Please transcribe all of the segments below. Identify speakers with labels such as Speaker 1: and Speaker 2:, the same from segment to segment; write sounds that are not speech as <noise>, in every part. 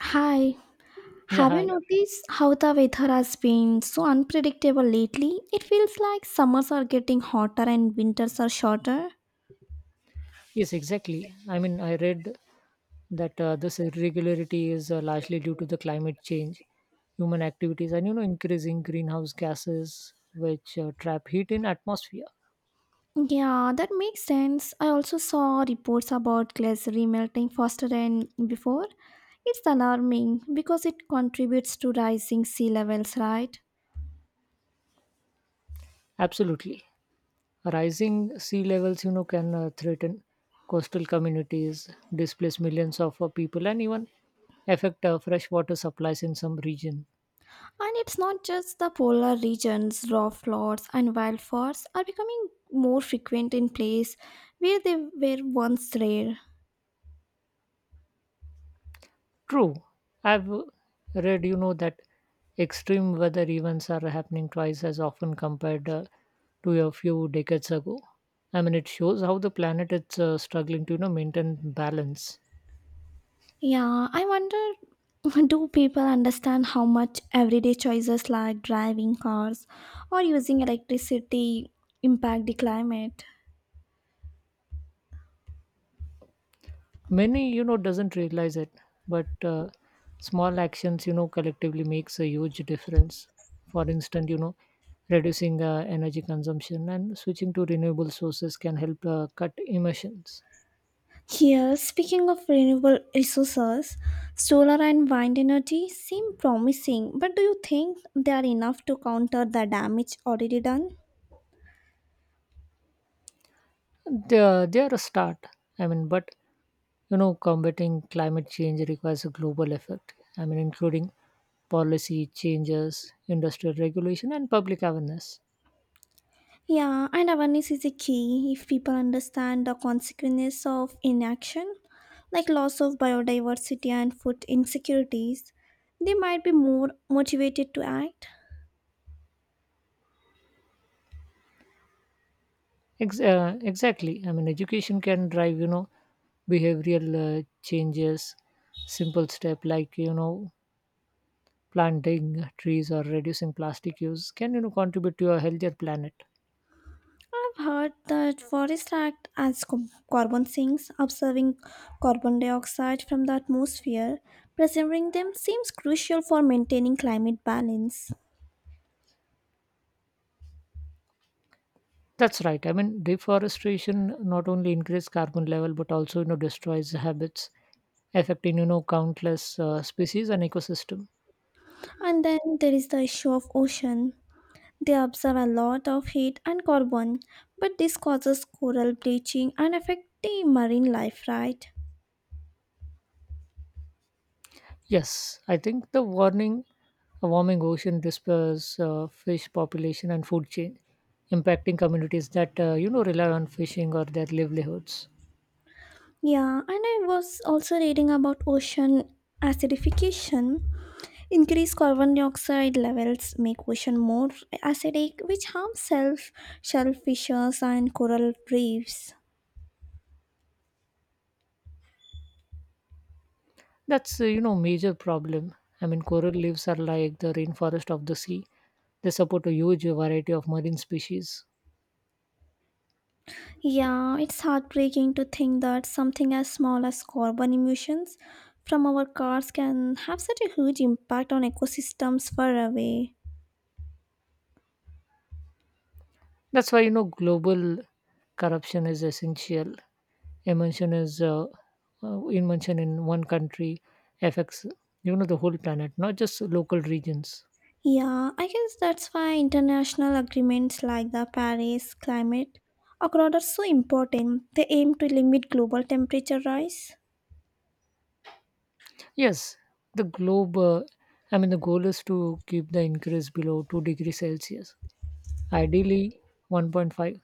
Speaker 1: Hi,
Speaker 2: Yeah,
Speaker 1: have you
Speaker 2: hi.
Speaker 1: noticed how the weather has been so unpredictable lately? It feels like summers are getting hotter and winters are shorter.
Speaker 2: Yes, exactly. I mean, I read that this irregularity is largely due to the climate change, human activities, and increasing greenhouse gases which trap heat in atmosphere.
Speaker 1: Yeah, that makes sense. I also saw reports about glacier melting faster than before. It's alarming because it contributes to rising sea levels, right?
Speaker 2: Absolutely, rising sea levels, can threaten coastal communities, displace millions of people, and even affect freshwater supplies in some region.
Speaker 1: And it's not just the polar regions, rock floods and wildfires are becoming more frequent in places where they were once rare.
Speaker 2: True. I've read, that extreme weather events are happening twice as often compared to a few decades ago. I mean, it shows how the planet is struggling to, maintain balance.
Speaker 1: Yeah, I wonder <laughs> do people understand how much everyday choices like driving cars or using electricity impact the climate?
Speaker 2: Many, doesn't realize it, but small actions, collectively makes a huge difference. For instance, reducing energy consumption and switching to renewable sources can help cut emissions.
Speaker 1: Here, speaking of renewable resources, solar and wind energy seem promising, but do you think they are enough to counter the damage already done?
Speaker 2: They are a start. I mean, but combating climate change requires a global effort. I mean, including policy changes, industrial regulation, and public awareness.
Speaker 1: Yeah, and awareness is a key if people understand the consequences of inaction, like loss of biodiversity and food insecurities. They might be more motivated to act.
Speaker 2: Exactly. I mean, education can drive, behavioral changes, simple step like, planting trees or reducing plastic use can, contribute to a healthier planet.
Speaker 1: I've heard that forests act as carbon sinks, observing carbon dioxide from the atmosphere. Preserving them seems crucial for maintaining climate balance.
Speaker 2: That's right. I mean, deforestation not only increases carbon level but also destroys habits, affecting countless species and ecosystem.
Speaker 1: And then there is the issue of ocean. They absorb a lot of heat and carbon, but this causes coral bleaching and affect the marine life, right?
Speaker 2: Yes, I think the warning, a warming ocean dispers fish population and food chain, impacting communities that rely on fishing or their livelihoods.
Speaker 1: Yeah, and I was also reading about ocean acidification. Increased carbon dioxide levels make ocean more acidic, which harms self shellfishes and coral reefs.
Speaker 2: That's major problem. I mean, coral reefs are like the rainforest of the sea. They support a huge variety of marine species.
Speaker 1: Yeah, it's heartbreaking to think that something as small as carbon emissions from our cars can have such a huge impact on ecosystems far away.
Speaker 2: That's why global corruption is essential emotion is invention in one country affects the whole planet, not just local regions.
Speaker 1: Yeah, I guess that's why international agreements like the Paris Climate Accord are so important. They aim to limit global temperature rise.
Speaker 2: Yes, the globe, I mean, the goal is to keep the increase below 2 degrees celsius, ideally 1.5,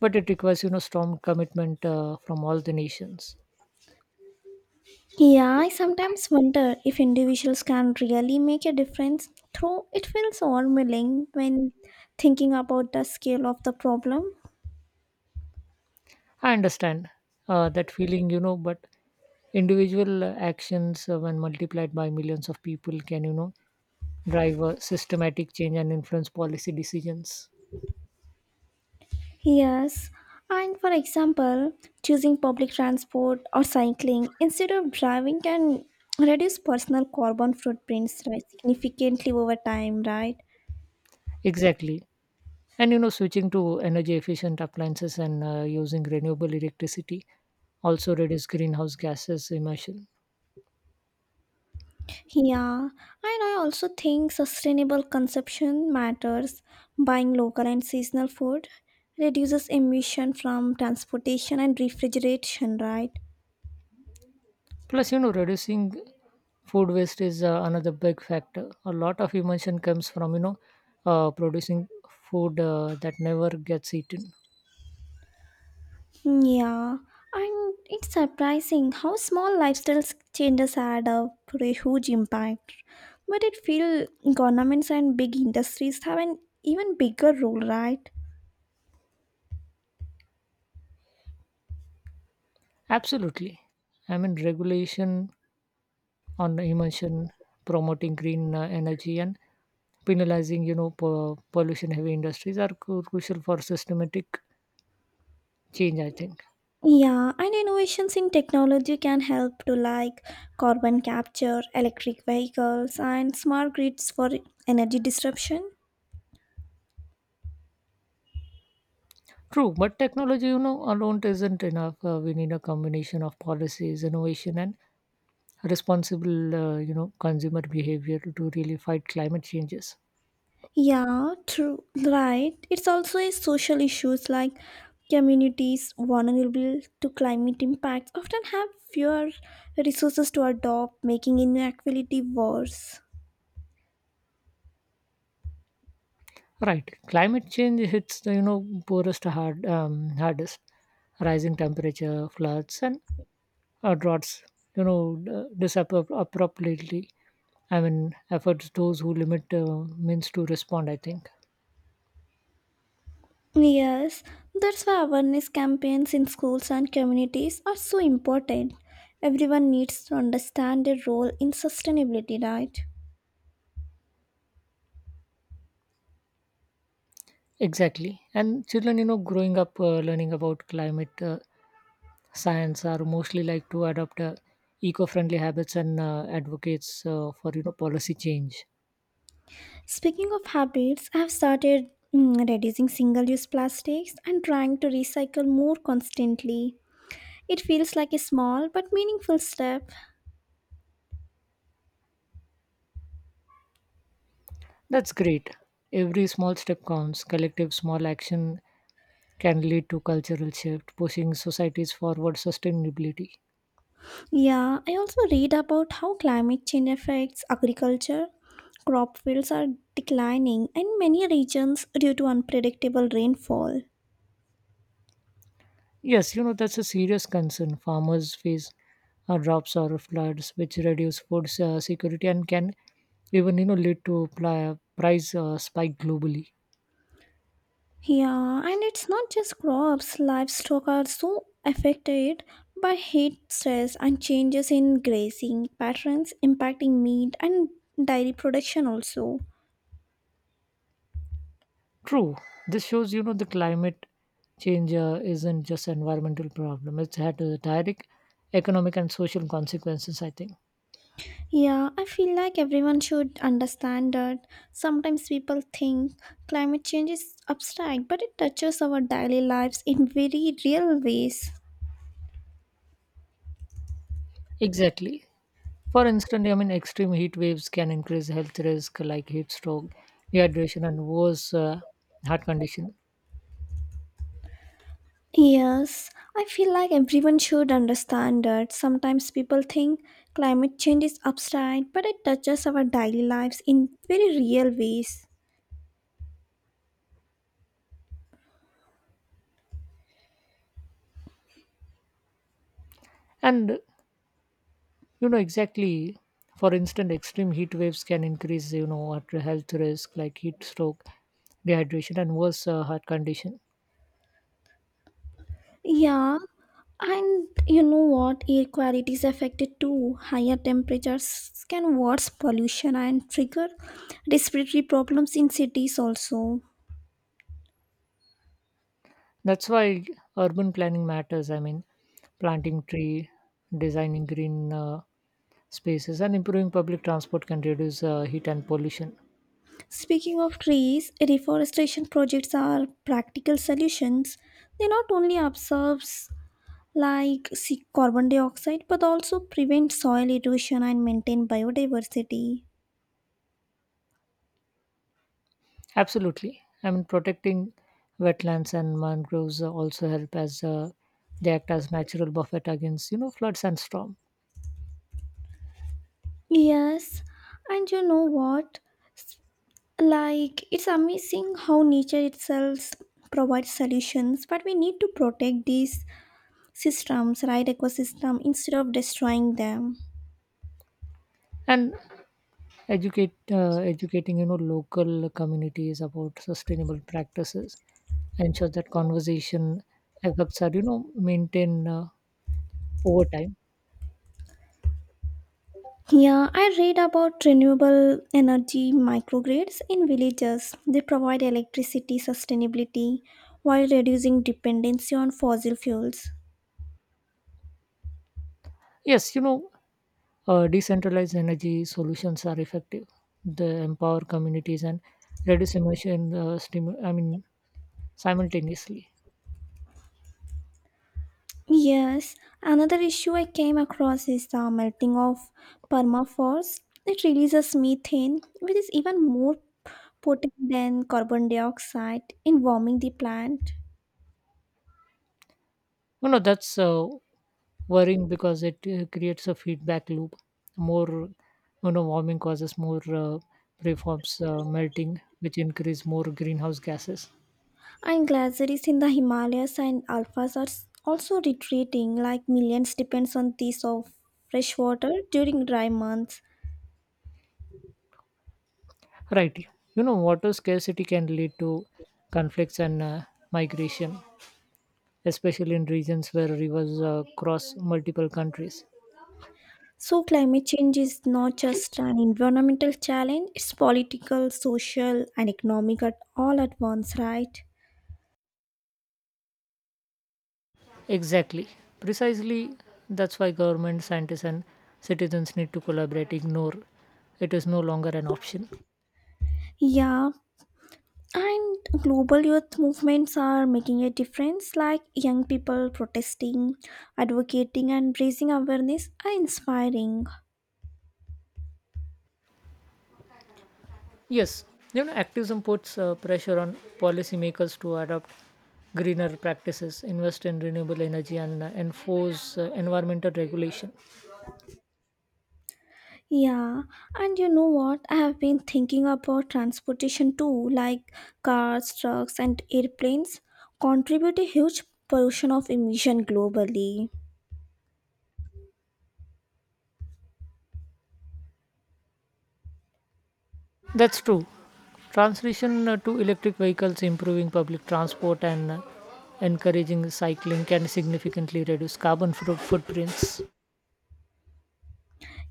Speaker 2: but it requires strong commitment from all the nations.
Speaker 1: Yeah, I sometimes wonder if individuals can really make a difference, though it feels overwhelming when thinking about the scale of the problem.
Speaker 2: I understand that feeling, but individual actions when multiplied by millions of people can, driver systematic change and influence policy decisions.
Speaker 1: Yes, and for example, choosing public transport or cycling instead of driving can reduce personal carbon footprints right, significantly over time, right?
Speaker 2: Exactly. And, switching to energy efficient appliances and using renewable electricity also reduce greenhouse gases emission.
Speaker 1: Yeah, and I also think sustainable consumption matters. Buying local and seasonal food reduces emission from transportation and refrigeration, right?
Speaker 2: Plus, reducing food waste is another big factor. A lot of emission comes from producing food that never gets eaten.
Speaker 1: Yeah, and it's surprising how small lifestyle changes had up to a pretty huge impact. But it feels governments and big industries have an even bigger role, right?
Speaker 2: Absolutely. I mean, regulation on emission, promoting green energy, and penalizing, pollution heavy industries are crucial for systematic change, I think.
Speaker 1: Yeah, and innovations in technology can help to like carbon capture, electric vehicles, and smart grids for energy disruption.
Speaker 2: True, but technology, alone isn't enough. We need a combination of policies, innovation, and responsible, consumer behavior to really fight climate changes.
Speaker 1: Yeah, true. Right. It's also a social issues like communities vulnerable to climate impacts often have fewer resources to adopt, making inequality worse.
Speaker 2: Right, climate change hits the, poorest hardest. Rising temperature, floods, and droughts, disappear abruptly. I mean, efforts those who limit means to respond, I think.
Speaker 1: Yes, that's why awareness campaigns in schools and communities are so important. Everyone needs to understand their role in sustainability, right?
Speaker 2: Exactly. And children, growing up learning about climate science are mostly like to adopt eco-friendly habits and advocates for policy change.
Speaker 1: Speaking of habits, I have started reducing single use plastics and trying to recycle more constantly. It feels like a small but meaningful step.
Speaker 2: That's great. Every small step counts. Collective small action can lead to cultural shift, pushing societies forward sustainability.
Speaker 1: Yeah, I also read about how climate change affects agriculture. Crop fields are declining in many regions due to unpredictable rainfall.
Speaker 2: Yes, that's a serious concern. Farmers face drops or floods, which reduce food security and can even, lead to price spike globally.
Speaker 1: Yeah, and it's not just crops, livestock are so affected by heat stress and changes in grazing patterns impacting meat and dairy production also.
Speaker 2: True. This shows, the climate change isn't just an environmental problem. It's had direct economic and social consequences, I think.
Speaker 1: Yeah, I feel like everyone should understand that sometimes people think climate change is abstract, but it touches our daily lives in very real ways.
Speaker 2: Exactly. For instance, I mean, extreme heat waves can increase health risk like heat stroke, dehydration, and worse heart condition.
Speaker 1: Yes, I feel like everyone should understand that sometimes people think climate change is abstract, but it touches our daily lives in very real ways.
Speaker 2: And, exactly. For instance, extreme heat waves can increase, heart health risk like heat stroke, dehydration, and worse heart condition.
Speaker 1: Yeah, and you know what? Air quality is affected too. Higher temperatures can worse pollution and trigger respiratory problems in cities also.
Speaker 2: That's why urban planning matters. I mean, planting tree, designing green spaces, and improving public transport can reduce heat and pollution.
Speaker 1: Speaking of trees, reforestation projects are practical solutions. They not only absorbs like carbon dioxide but also prevent soil erosion and maintain biodiversity.
Speaker 2: Absolutely. I mean, protecting wetlands and mangroves also help as they act as natural buffet against, floods and storm.
Speaker 1: Yes, and you know what? Like, it's amazing how nature itself provides solutions, but we need to protect these systems, right? Ecosystem instead of destroying them.
Speaker 2: And educate educating, local communities about sustainable practices ensure that conversation efforts are, maintained over time.
Speaker 1: Yeah, I read about renewable energy microgrids in villages. They provide electricity sustainability while reducing dependency on fossil fuels.
Speaker 2: Yes, decentralized energy solutions are effective. They empower communities and reduce emission, I mean, simultaneously.
Speaker 1: Yes, another issue I came across is the melting of permafrost. It releases methane, which is even more potent than carbon dioxide in warming the plant.
Speaker 2: That's worrying because it creates a feedback loop. More, warming causes more preforms melting, which increase more greenhouse gases.
Speaker 1: And glaciers in the Himalayas and alphas are also retreating, like millions depends on this of fresh water during dry months.
Speaker 2: Right, water scarcity can lead to conflicts and migration, especially in regions where rivers cross multiple countries.
Speaker 1: So climate change is not just an environmental challenge, it's political, social and economic at all at once, right?
Speaker 2: Exactly. Precisely. That's why government scientists and citizens need to collaborate. Ignore it is no longer an option.
Speaker 1: Yeah, and global youth movements are making a difference, like young people protesting, advocating, and raising awareness are inspiring.
Speaker 2: Yes, activism puts pressure on policymakers to adopt greener practices, invest in renewable energy, and enforce environmental regulation.
Speaker 1: Yeah, and you know what? I have been thinking about transportation too, like cars, trucks, and airplanes contribute a huge portion of emission globally.
Speaker 2: That's true. Transition to electric vehicles, improving public transport, and encouraging cycling can significantly reduce carbon footprints.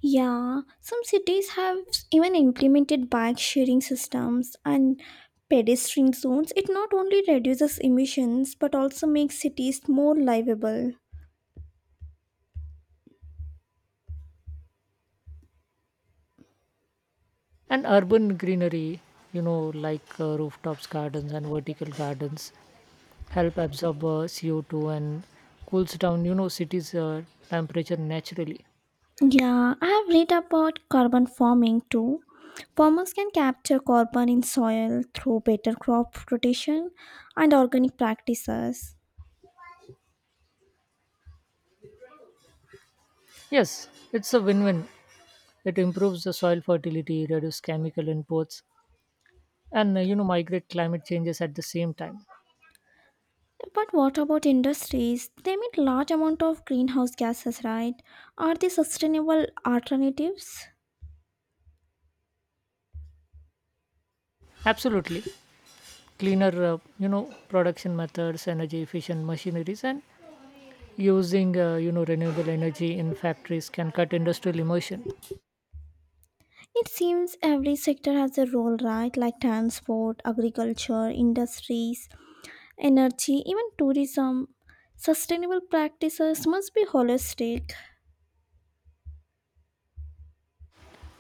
Speaker 1: Yeah, some cities have even implemented bike sharing systems and pedestrian zones. It not only reduces emissions but also makes cities more livable.
Speaker 2: And urban greenery, like rooftops, gardens, and vertical gardens, help absorb CO2 and cools down, cities' temperature naturally.
Speaker 1: Yeah, I have read about carbon farming too. Farmers can capture carbon in soil through better crop rotation and organic practices.
Speaker 2: Yes, it's a win-win. It improves the soil fertility, reduces chemical inputs, and migrate climate changes at the same time.
Speaker 1: But what about industries? They emit large amount of greenhouse gases, right? Are they sustainable alternatives?
Speaker 2: Absolutely, cleaner, production methods, energy-efficient machineries, and using renewable energy in factories can cut industrial emission.
Speaker 1: It seems every sector has a role, right? Like transport, agriculture, industries, energy, even tourism. Sustainable practices must be holistic.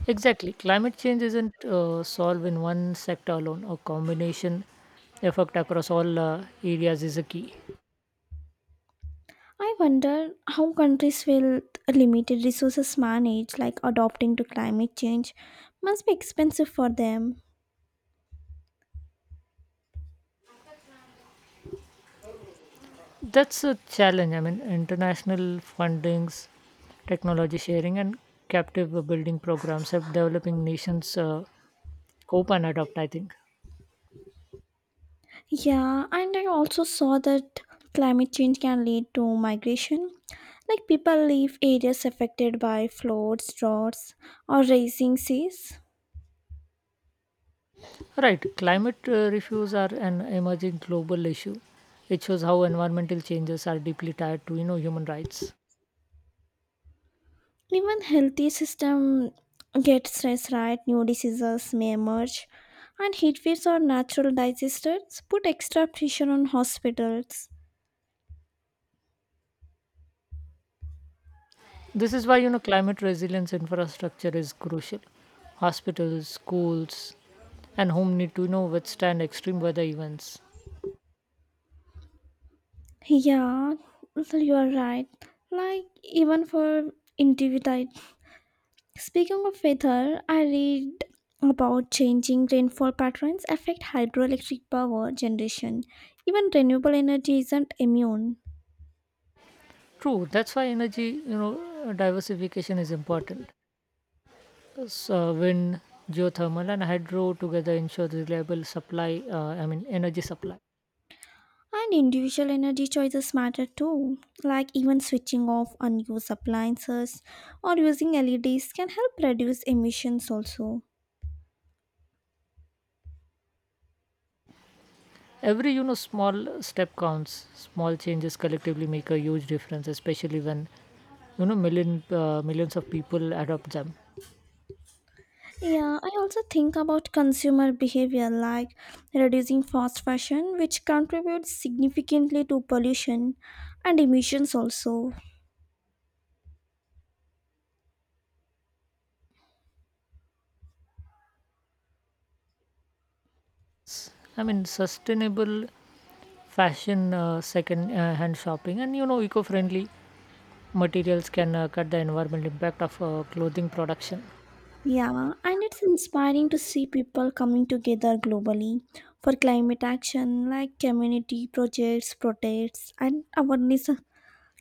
Speaker 2: Exactly. Climate change isn't solved in one sector alone. A combination effect across all areas is a key.
Speaker 1: I wonder how countries with limited resources manage, like adopting to climate change, must be expensive for them.
Speaker 2: That's a challenge. I mean, international fundings, technology sharing, and captive building programs help developing nations cope and adopt, I think.
Speaker 1: Yeah, and I also saw that climate change can lead to migration. Like people leave areas affected by floods, droughts, or rising seas.
Speaker 2: Right. Climate refuse are an emerging global issue. It shows how environmental changes are deeply tied to, human rights.
Speaker 1: Even healthy system get stressed, right? New diseases may emerge and heat waves or natural disasters put extra pressure on hospitals.
Speaker 2: This is why climate resilience infrastructure is crucial. Hospitals, schools, and home need to, withstand extreme weather events.
Speaker 1: Yeah, you are right, like even for individual. Speaking of weather, I read about changing rainfall patterns affect hydroelectric power generation. Even renewable energy isn't immune.
Speaker 2: True, that's why energy, diversification is important. So wind, geothermal, and hydro together ensure reliable supply. I mean energy supply.
Speaker 1: And individual energy choices matter too, like even switching off unused appliances or using LEDs can help reduce emissions also.
Speaker 2: Every, small step counts. Small changes collectively make a huge difference, especially when, millions of people adopt them.
Speaker 1: Yeah, I also think about consumer behavior like reducing fast fashion, which contributes significantly to pollution and emissions also.
Speaker 2: I mean, sustainable fashion second hand shopping and, eco-friendly materials can cut the environmental impact of clothing production.
Speaker 1: Yeah, and it's inspiring to see people coming together globally for climate action like community projects, protests, and awareness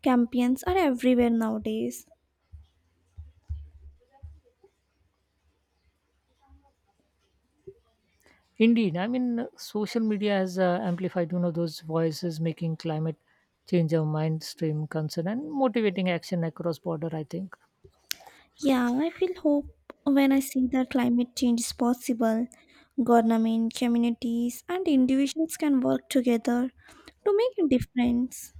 Speaker 1: campaigns are everywhere nowadays.
Speaker 2: Indeed. I mean, social media has amplified, those voices, making climate change a mainstream concern and motivating action across border, I think.
Speaker 1: Yeah, I feel hope when I see that climate change is possible. Government, communities, and individuals can work together to make a difference.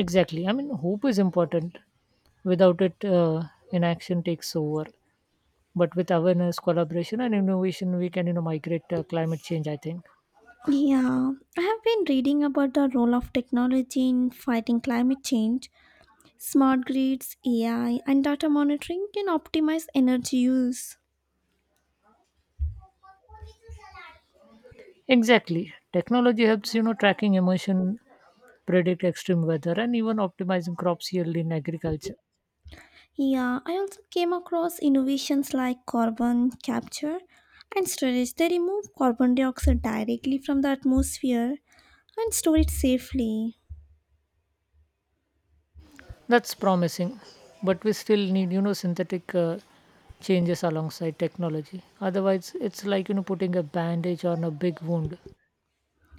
Speaker 2: Exactly. I mean, hope is important. Without it, inaction takes over. But with awareness, collaboration, and innovation, we can, migrate climate change, I think.
Speaker 1: Yeah, I have been reading about the role of technology in fighting climate change. Smart grids, AI, and data monitoring can optimize energy use.
Speaker 2: Exactly. Technology helps, tracking emission, predict extreme weather, and even optimizing crops yield in agriculture.
Speaker 1: Yeah, I also came across innovations like carbon capture and storage. They remove carbon dioxide directly from the atmosphere and store it safely.
Speaker 2: That's promising, but we still need, synthetic changes alongside technology. Otherwise, it's like, putting a bandage on a big wound.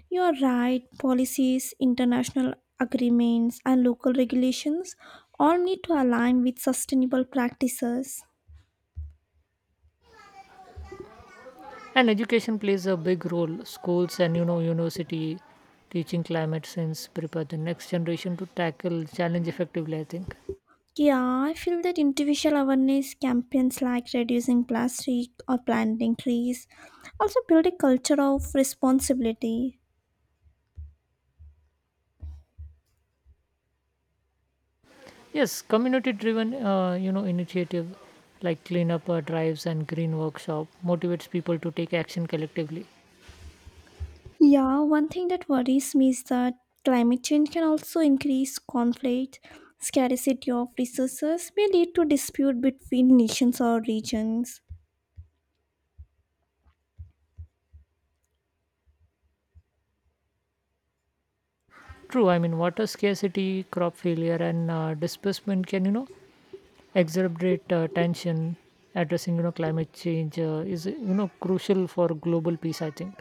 Speaker 1: You are right, policies, international agreements, and local regulations all need to align with sustainable practices.
Speaker 2: And education plays a big role. Schools and, university teaching climate science prepare the next generation to tackle challenge effectively, I think.
Speaker 1: Yeah, I feel that individual awareness campaigns like reducing plastic or planting trees also build a culture of responsibility.
Speaker 2: Yes, community-driven, initiative like cleanup drives and green workshop motivates people to take action collectively.
Speaker 1: Yeah, one thing that worries me is that climate change can also increase conflict. Scarcity of resources may lead to dispute between nations or regions.
Speaker 2: True, I mean, water scarcity, crop failure, and disbursement can, exacerbate tension. Addressing, climate change is, crucial for global peace, I think.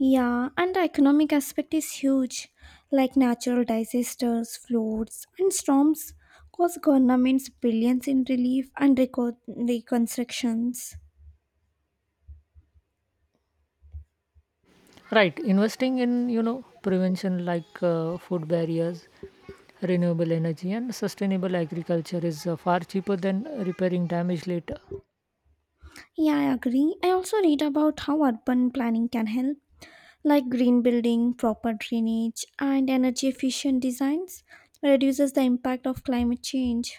Speaker 1: Yeah, and the economic aspect is huge, like natural disasters, floods, and storms cost governments billions in relief and reconstructions.
Speaker 2: Right. Investing in, prevention like food barriers, renewable energy, and sustainable agriculture is far cheaper than repairing damage later.
Speaker 1: Yeah, I agree. I also read about how urban planning can help like green building, proper drainage, and energy efficient designs reduces the impact of climate change.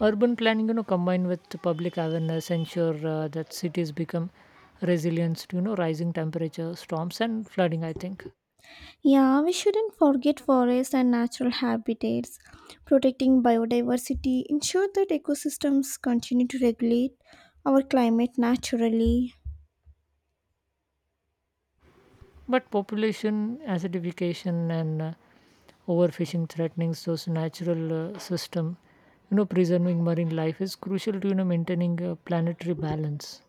Speaker 2: Urban planning, combined with public awareness, ensure that cities become resilient to, rising temperature, storms, and flooding, I think.
Speaker 1: Yeah, we shouldn't forget forests and natural habitats. Protecting biodiversity ensure that ecosystems continue to regulate our climate naturally.
Speaker 2: But population acidification and overfishing threatening those natural system, preserving marine life is crucial to, maintaining planetary balance.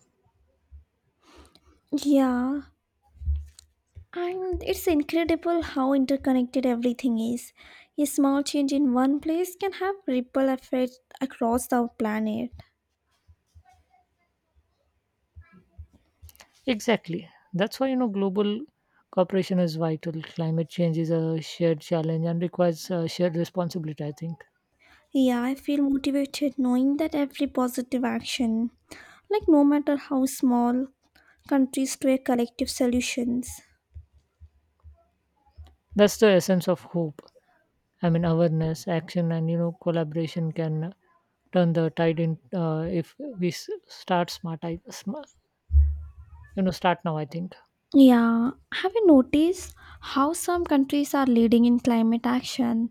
Speaker 1: Yeah, and it's incredible how interconnected everything is. A small change in one place can have ripple effects across the planet.
Speaker 2: Exactly. That's why, global cooperation is vital. Climate change is a shared challenge and requires shared responsibility, I think.
Speaker 1: Yeah, I feel motivated knowing that every positive action, like no matter how small, countries to a collective solutions.
Speaker 2: That's the essence of hope. I mean, awareness, action, and, collaboration can turn the tide in if we start smart. Start now, I think.
Speaker 1: Yeah, have you noticed how some countries are leading in climate action?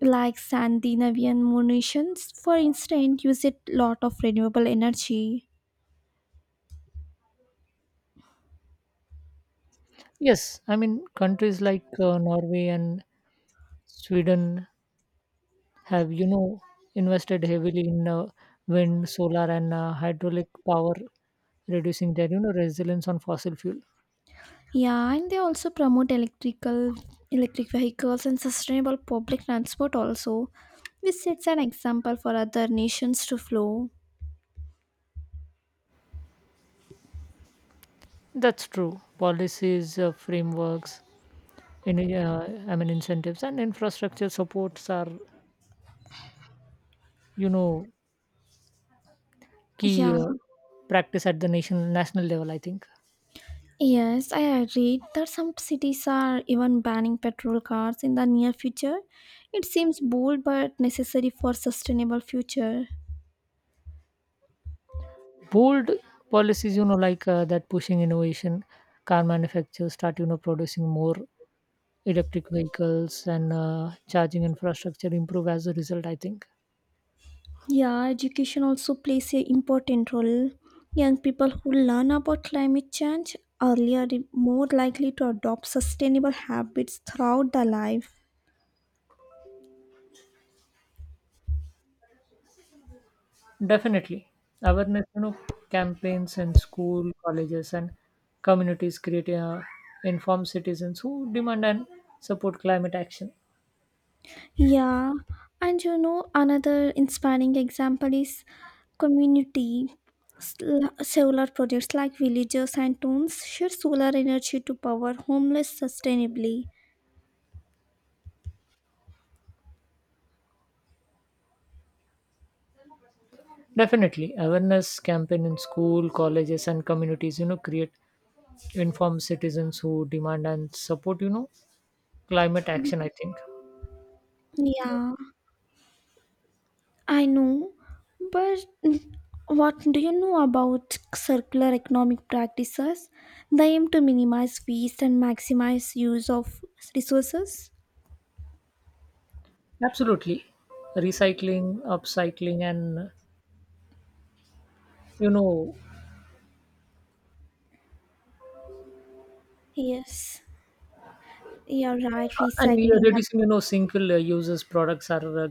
Speaker 1: Like Scandinavian nations, for instance, use a lot of renewable energy.
Speaker 2: Yes, I mean countries like Norway and Sweden have, invested heavily in wind, solar, and hydraulic power, reducing their, resilience on fossil fuel.
Speaker 1: Yeah, and they also promote electric vehicles and sustainable public transport also, which sets an example for other nations to follow.
Speaker 2: That's true. Policies, frameworks, I mean incentives, and infrastructure supports are, you know, key
Speaker 1: Yeah,
Speaker 2: practice at the national level, I think.
Speaker 1: yes, I agree that some cities are even banning petrol cars in the near future. It seems bold but necessary for sustainable future.
Speaker 2: Bold policies, like that pushing innovation, car manufacturers start, producing more electric vehicles and charging infrastructure improve as a result, I think.
Speaker 1: Yeah, education also plays a important role. Young people who learn about climate change earlier are more likely to adopt sustainable habits throughout their life.
Speaker 2: Definitely awareness, campaigns in school colleges and communities create informed citizens who demand and support climate action.
Speaker 1: Yeah, and you know, another inspiring example is community solar projects like villages and towns share solar energy to power homeless sustainably.
Speaker 2: Definitely awareness campaign in school colleges and communities, create informed citizens who demand and support, climate action, I think.
Speaker 1: Yeah, I know, but what do you know about circular economic practices? They aim to minimize waste and maximize use of resources.
Speaker 2: Absolutely recycling upcycling and you know
Speaker 1: Yes, you're right.
Speaker 2: and we are
Speaker 1: Recycling,
Speaker 2: reducing, single users products are a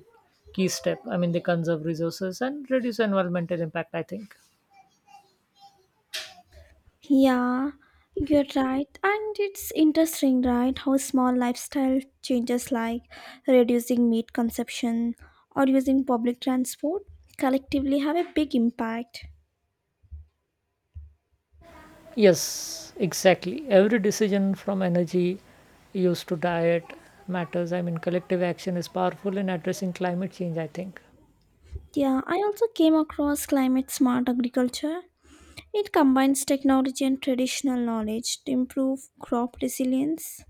Speaker 2: key step. I mean, they conserve resources and reduce environmental impact, I think.
Speaker 1: yeah, you're right. And it's interesting, right? How small lifestyle changes like reducing meat consumption or using public transport collectively have a big impact.
Speaker 2: Yes, exactly. Every decision from energy use to diet matters. I mean, collective action is powerful in addressing climate change, I think.
Speaker 1: Yeah, I also came across climate smart agriculture. It combines technology and traditional knowledge to improve crop resilience.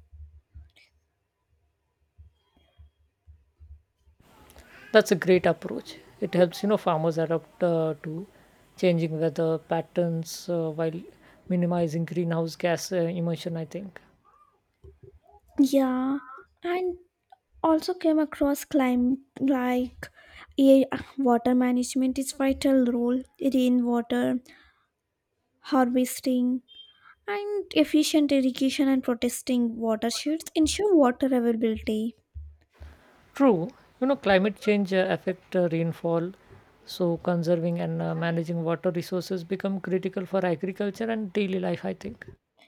Speaker 2: That's a great approach. It helps, farmers adapt to changing weather patterns while minimizing greenhouse gas emission, I think.
Speaker 1: Yeah, and also came across climate like air, water management is vital role, rainwater harvesting, and efficient irrigation and protesting watersheds ensure water availability.
Speaker 2: True, climate change affect rainfall, so conserving and managing water resources become critical for agriculture and daily life, I think.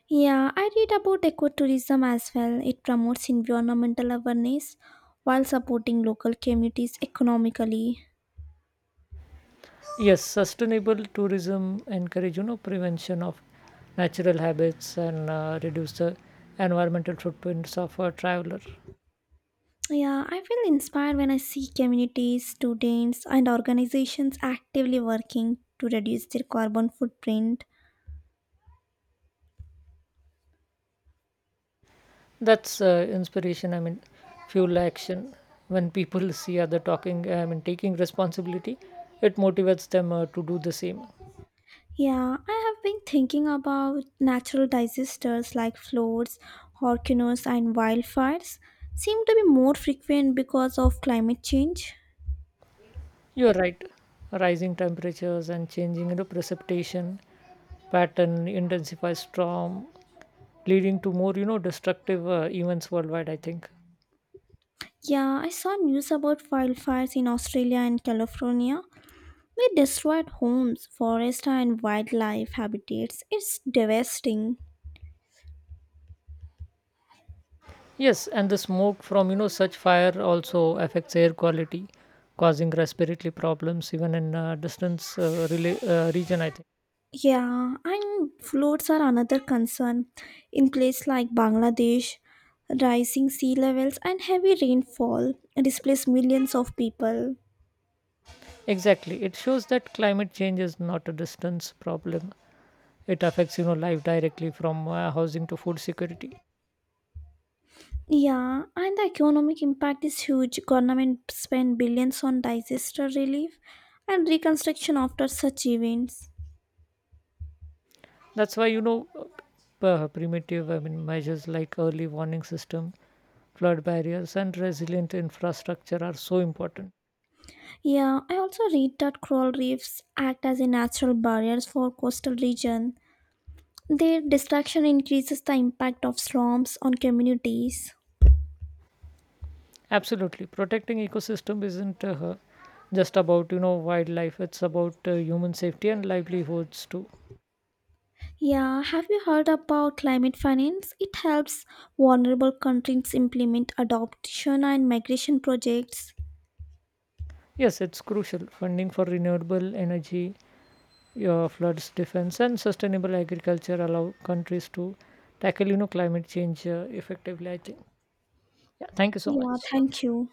Speaker 1: Yeah, I read about ecotourism as well. It promotes environmental awareness while supporting local communities economically.
Speaker 2: Yes, sustainable tourism encourage, prevention of natural habits and reduce the environmental footprints of a traveler.
Speaker 1: Yeah, I feel inspired when I see communities, students, and organizations actively working to reduce their carbon footprint.
Speaker 2: That's inspiration. I mean, fuel action. When people see other talking, I mean, taking responsibility, it motivates them to do the same.
Speaker 1: Yeah, I have been thinking about natural disasters like floods, hurricanes, and wildfires seem to be more frequent because of climate change.
Speaker 2: You're right. Rising temperatures and changing, precipitation pattern intensify storm, leading to more, destructive events worldwide, I think.
Speaker 1: Yeah, I saw news about wildfires in Australia and California. They destroyed homes, forests, and wildlife habitats. It's devastating.
Speaker 2: Yes, and the smoke from, such fire also affects air quality, causing respiratory problems even in distance region, I think.
Speaker 1: Yeah, and floats are another concern. In places like Bangladesh, rising sea levels and heavy rainfall displace millions of people.
Speaker 2: Exactly. It shows that climate change is not a distance problem. It affects, life directly from housing to food security.
Speaker 1: Yeah, and the economic impact is huge. Government spend billions on disaster relief and reconstruction after such events.
Speaker 2: That's why, primitive I mean, measures like early warning system, flood barriers, and resilient infrastructure are so important.
Speaker 1: Yeah, I also read that coral reefs act as a natural barriers for coastal region. Their destruction increases the impact of storms on communities.
Speaker 2: Absolutely, protecting ecosystem isn't just about, wildlife; it's about human safety and livelihoods too.
Speaker 1: Yeah, have you heard about climate finance? It helps vulnerable countries implement adoption and migration projects.
Speaker 2: Yes, it's crucial. Funding for renewable energy, floods defense, and sustainable agriculture allow countries to tackle, climate change effectively, I think. Yeah. Thank you so
Speaker 1: Yeah,
Speaker 2: much.
Speaker 1: thank you.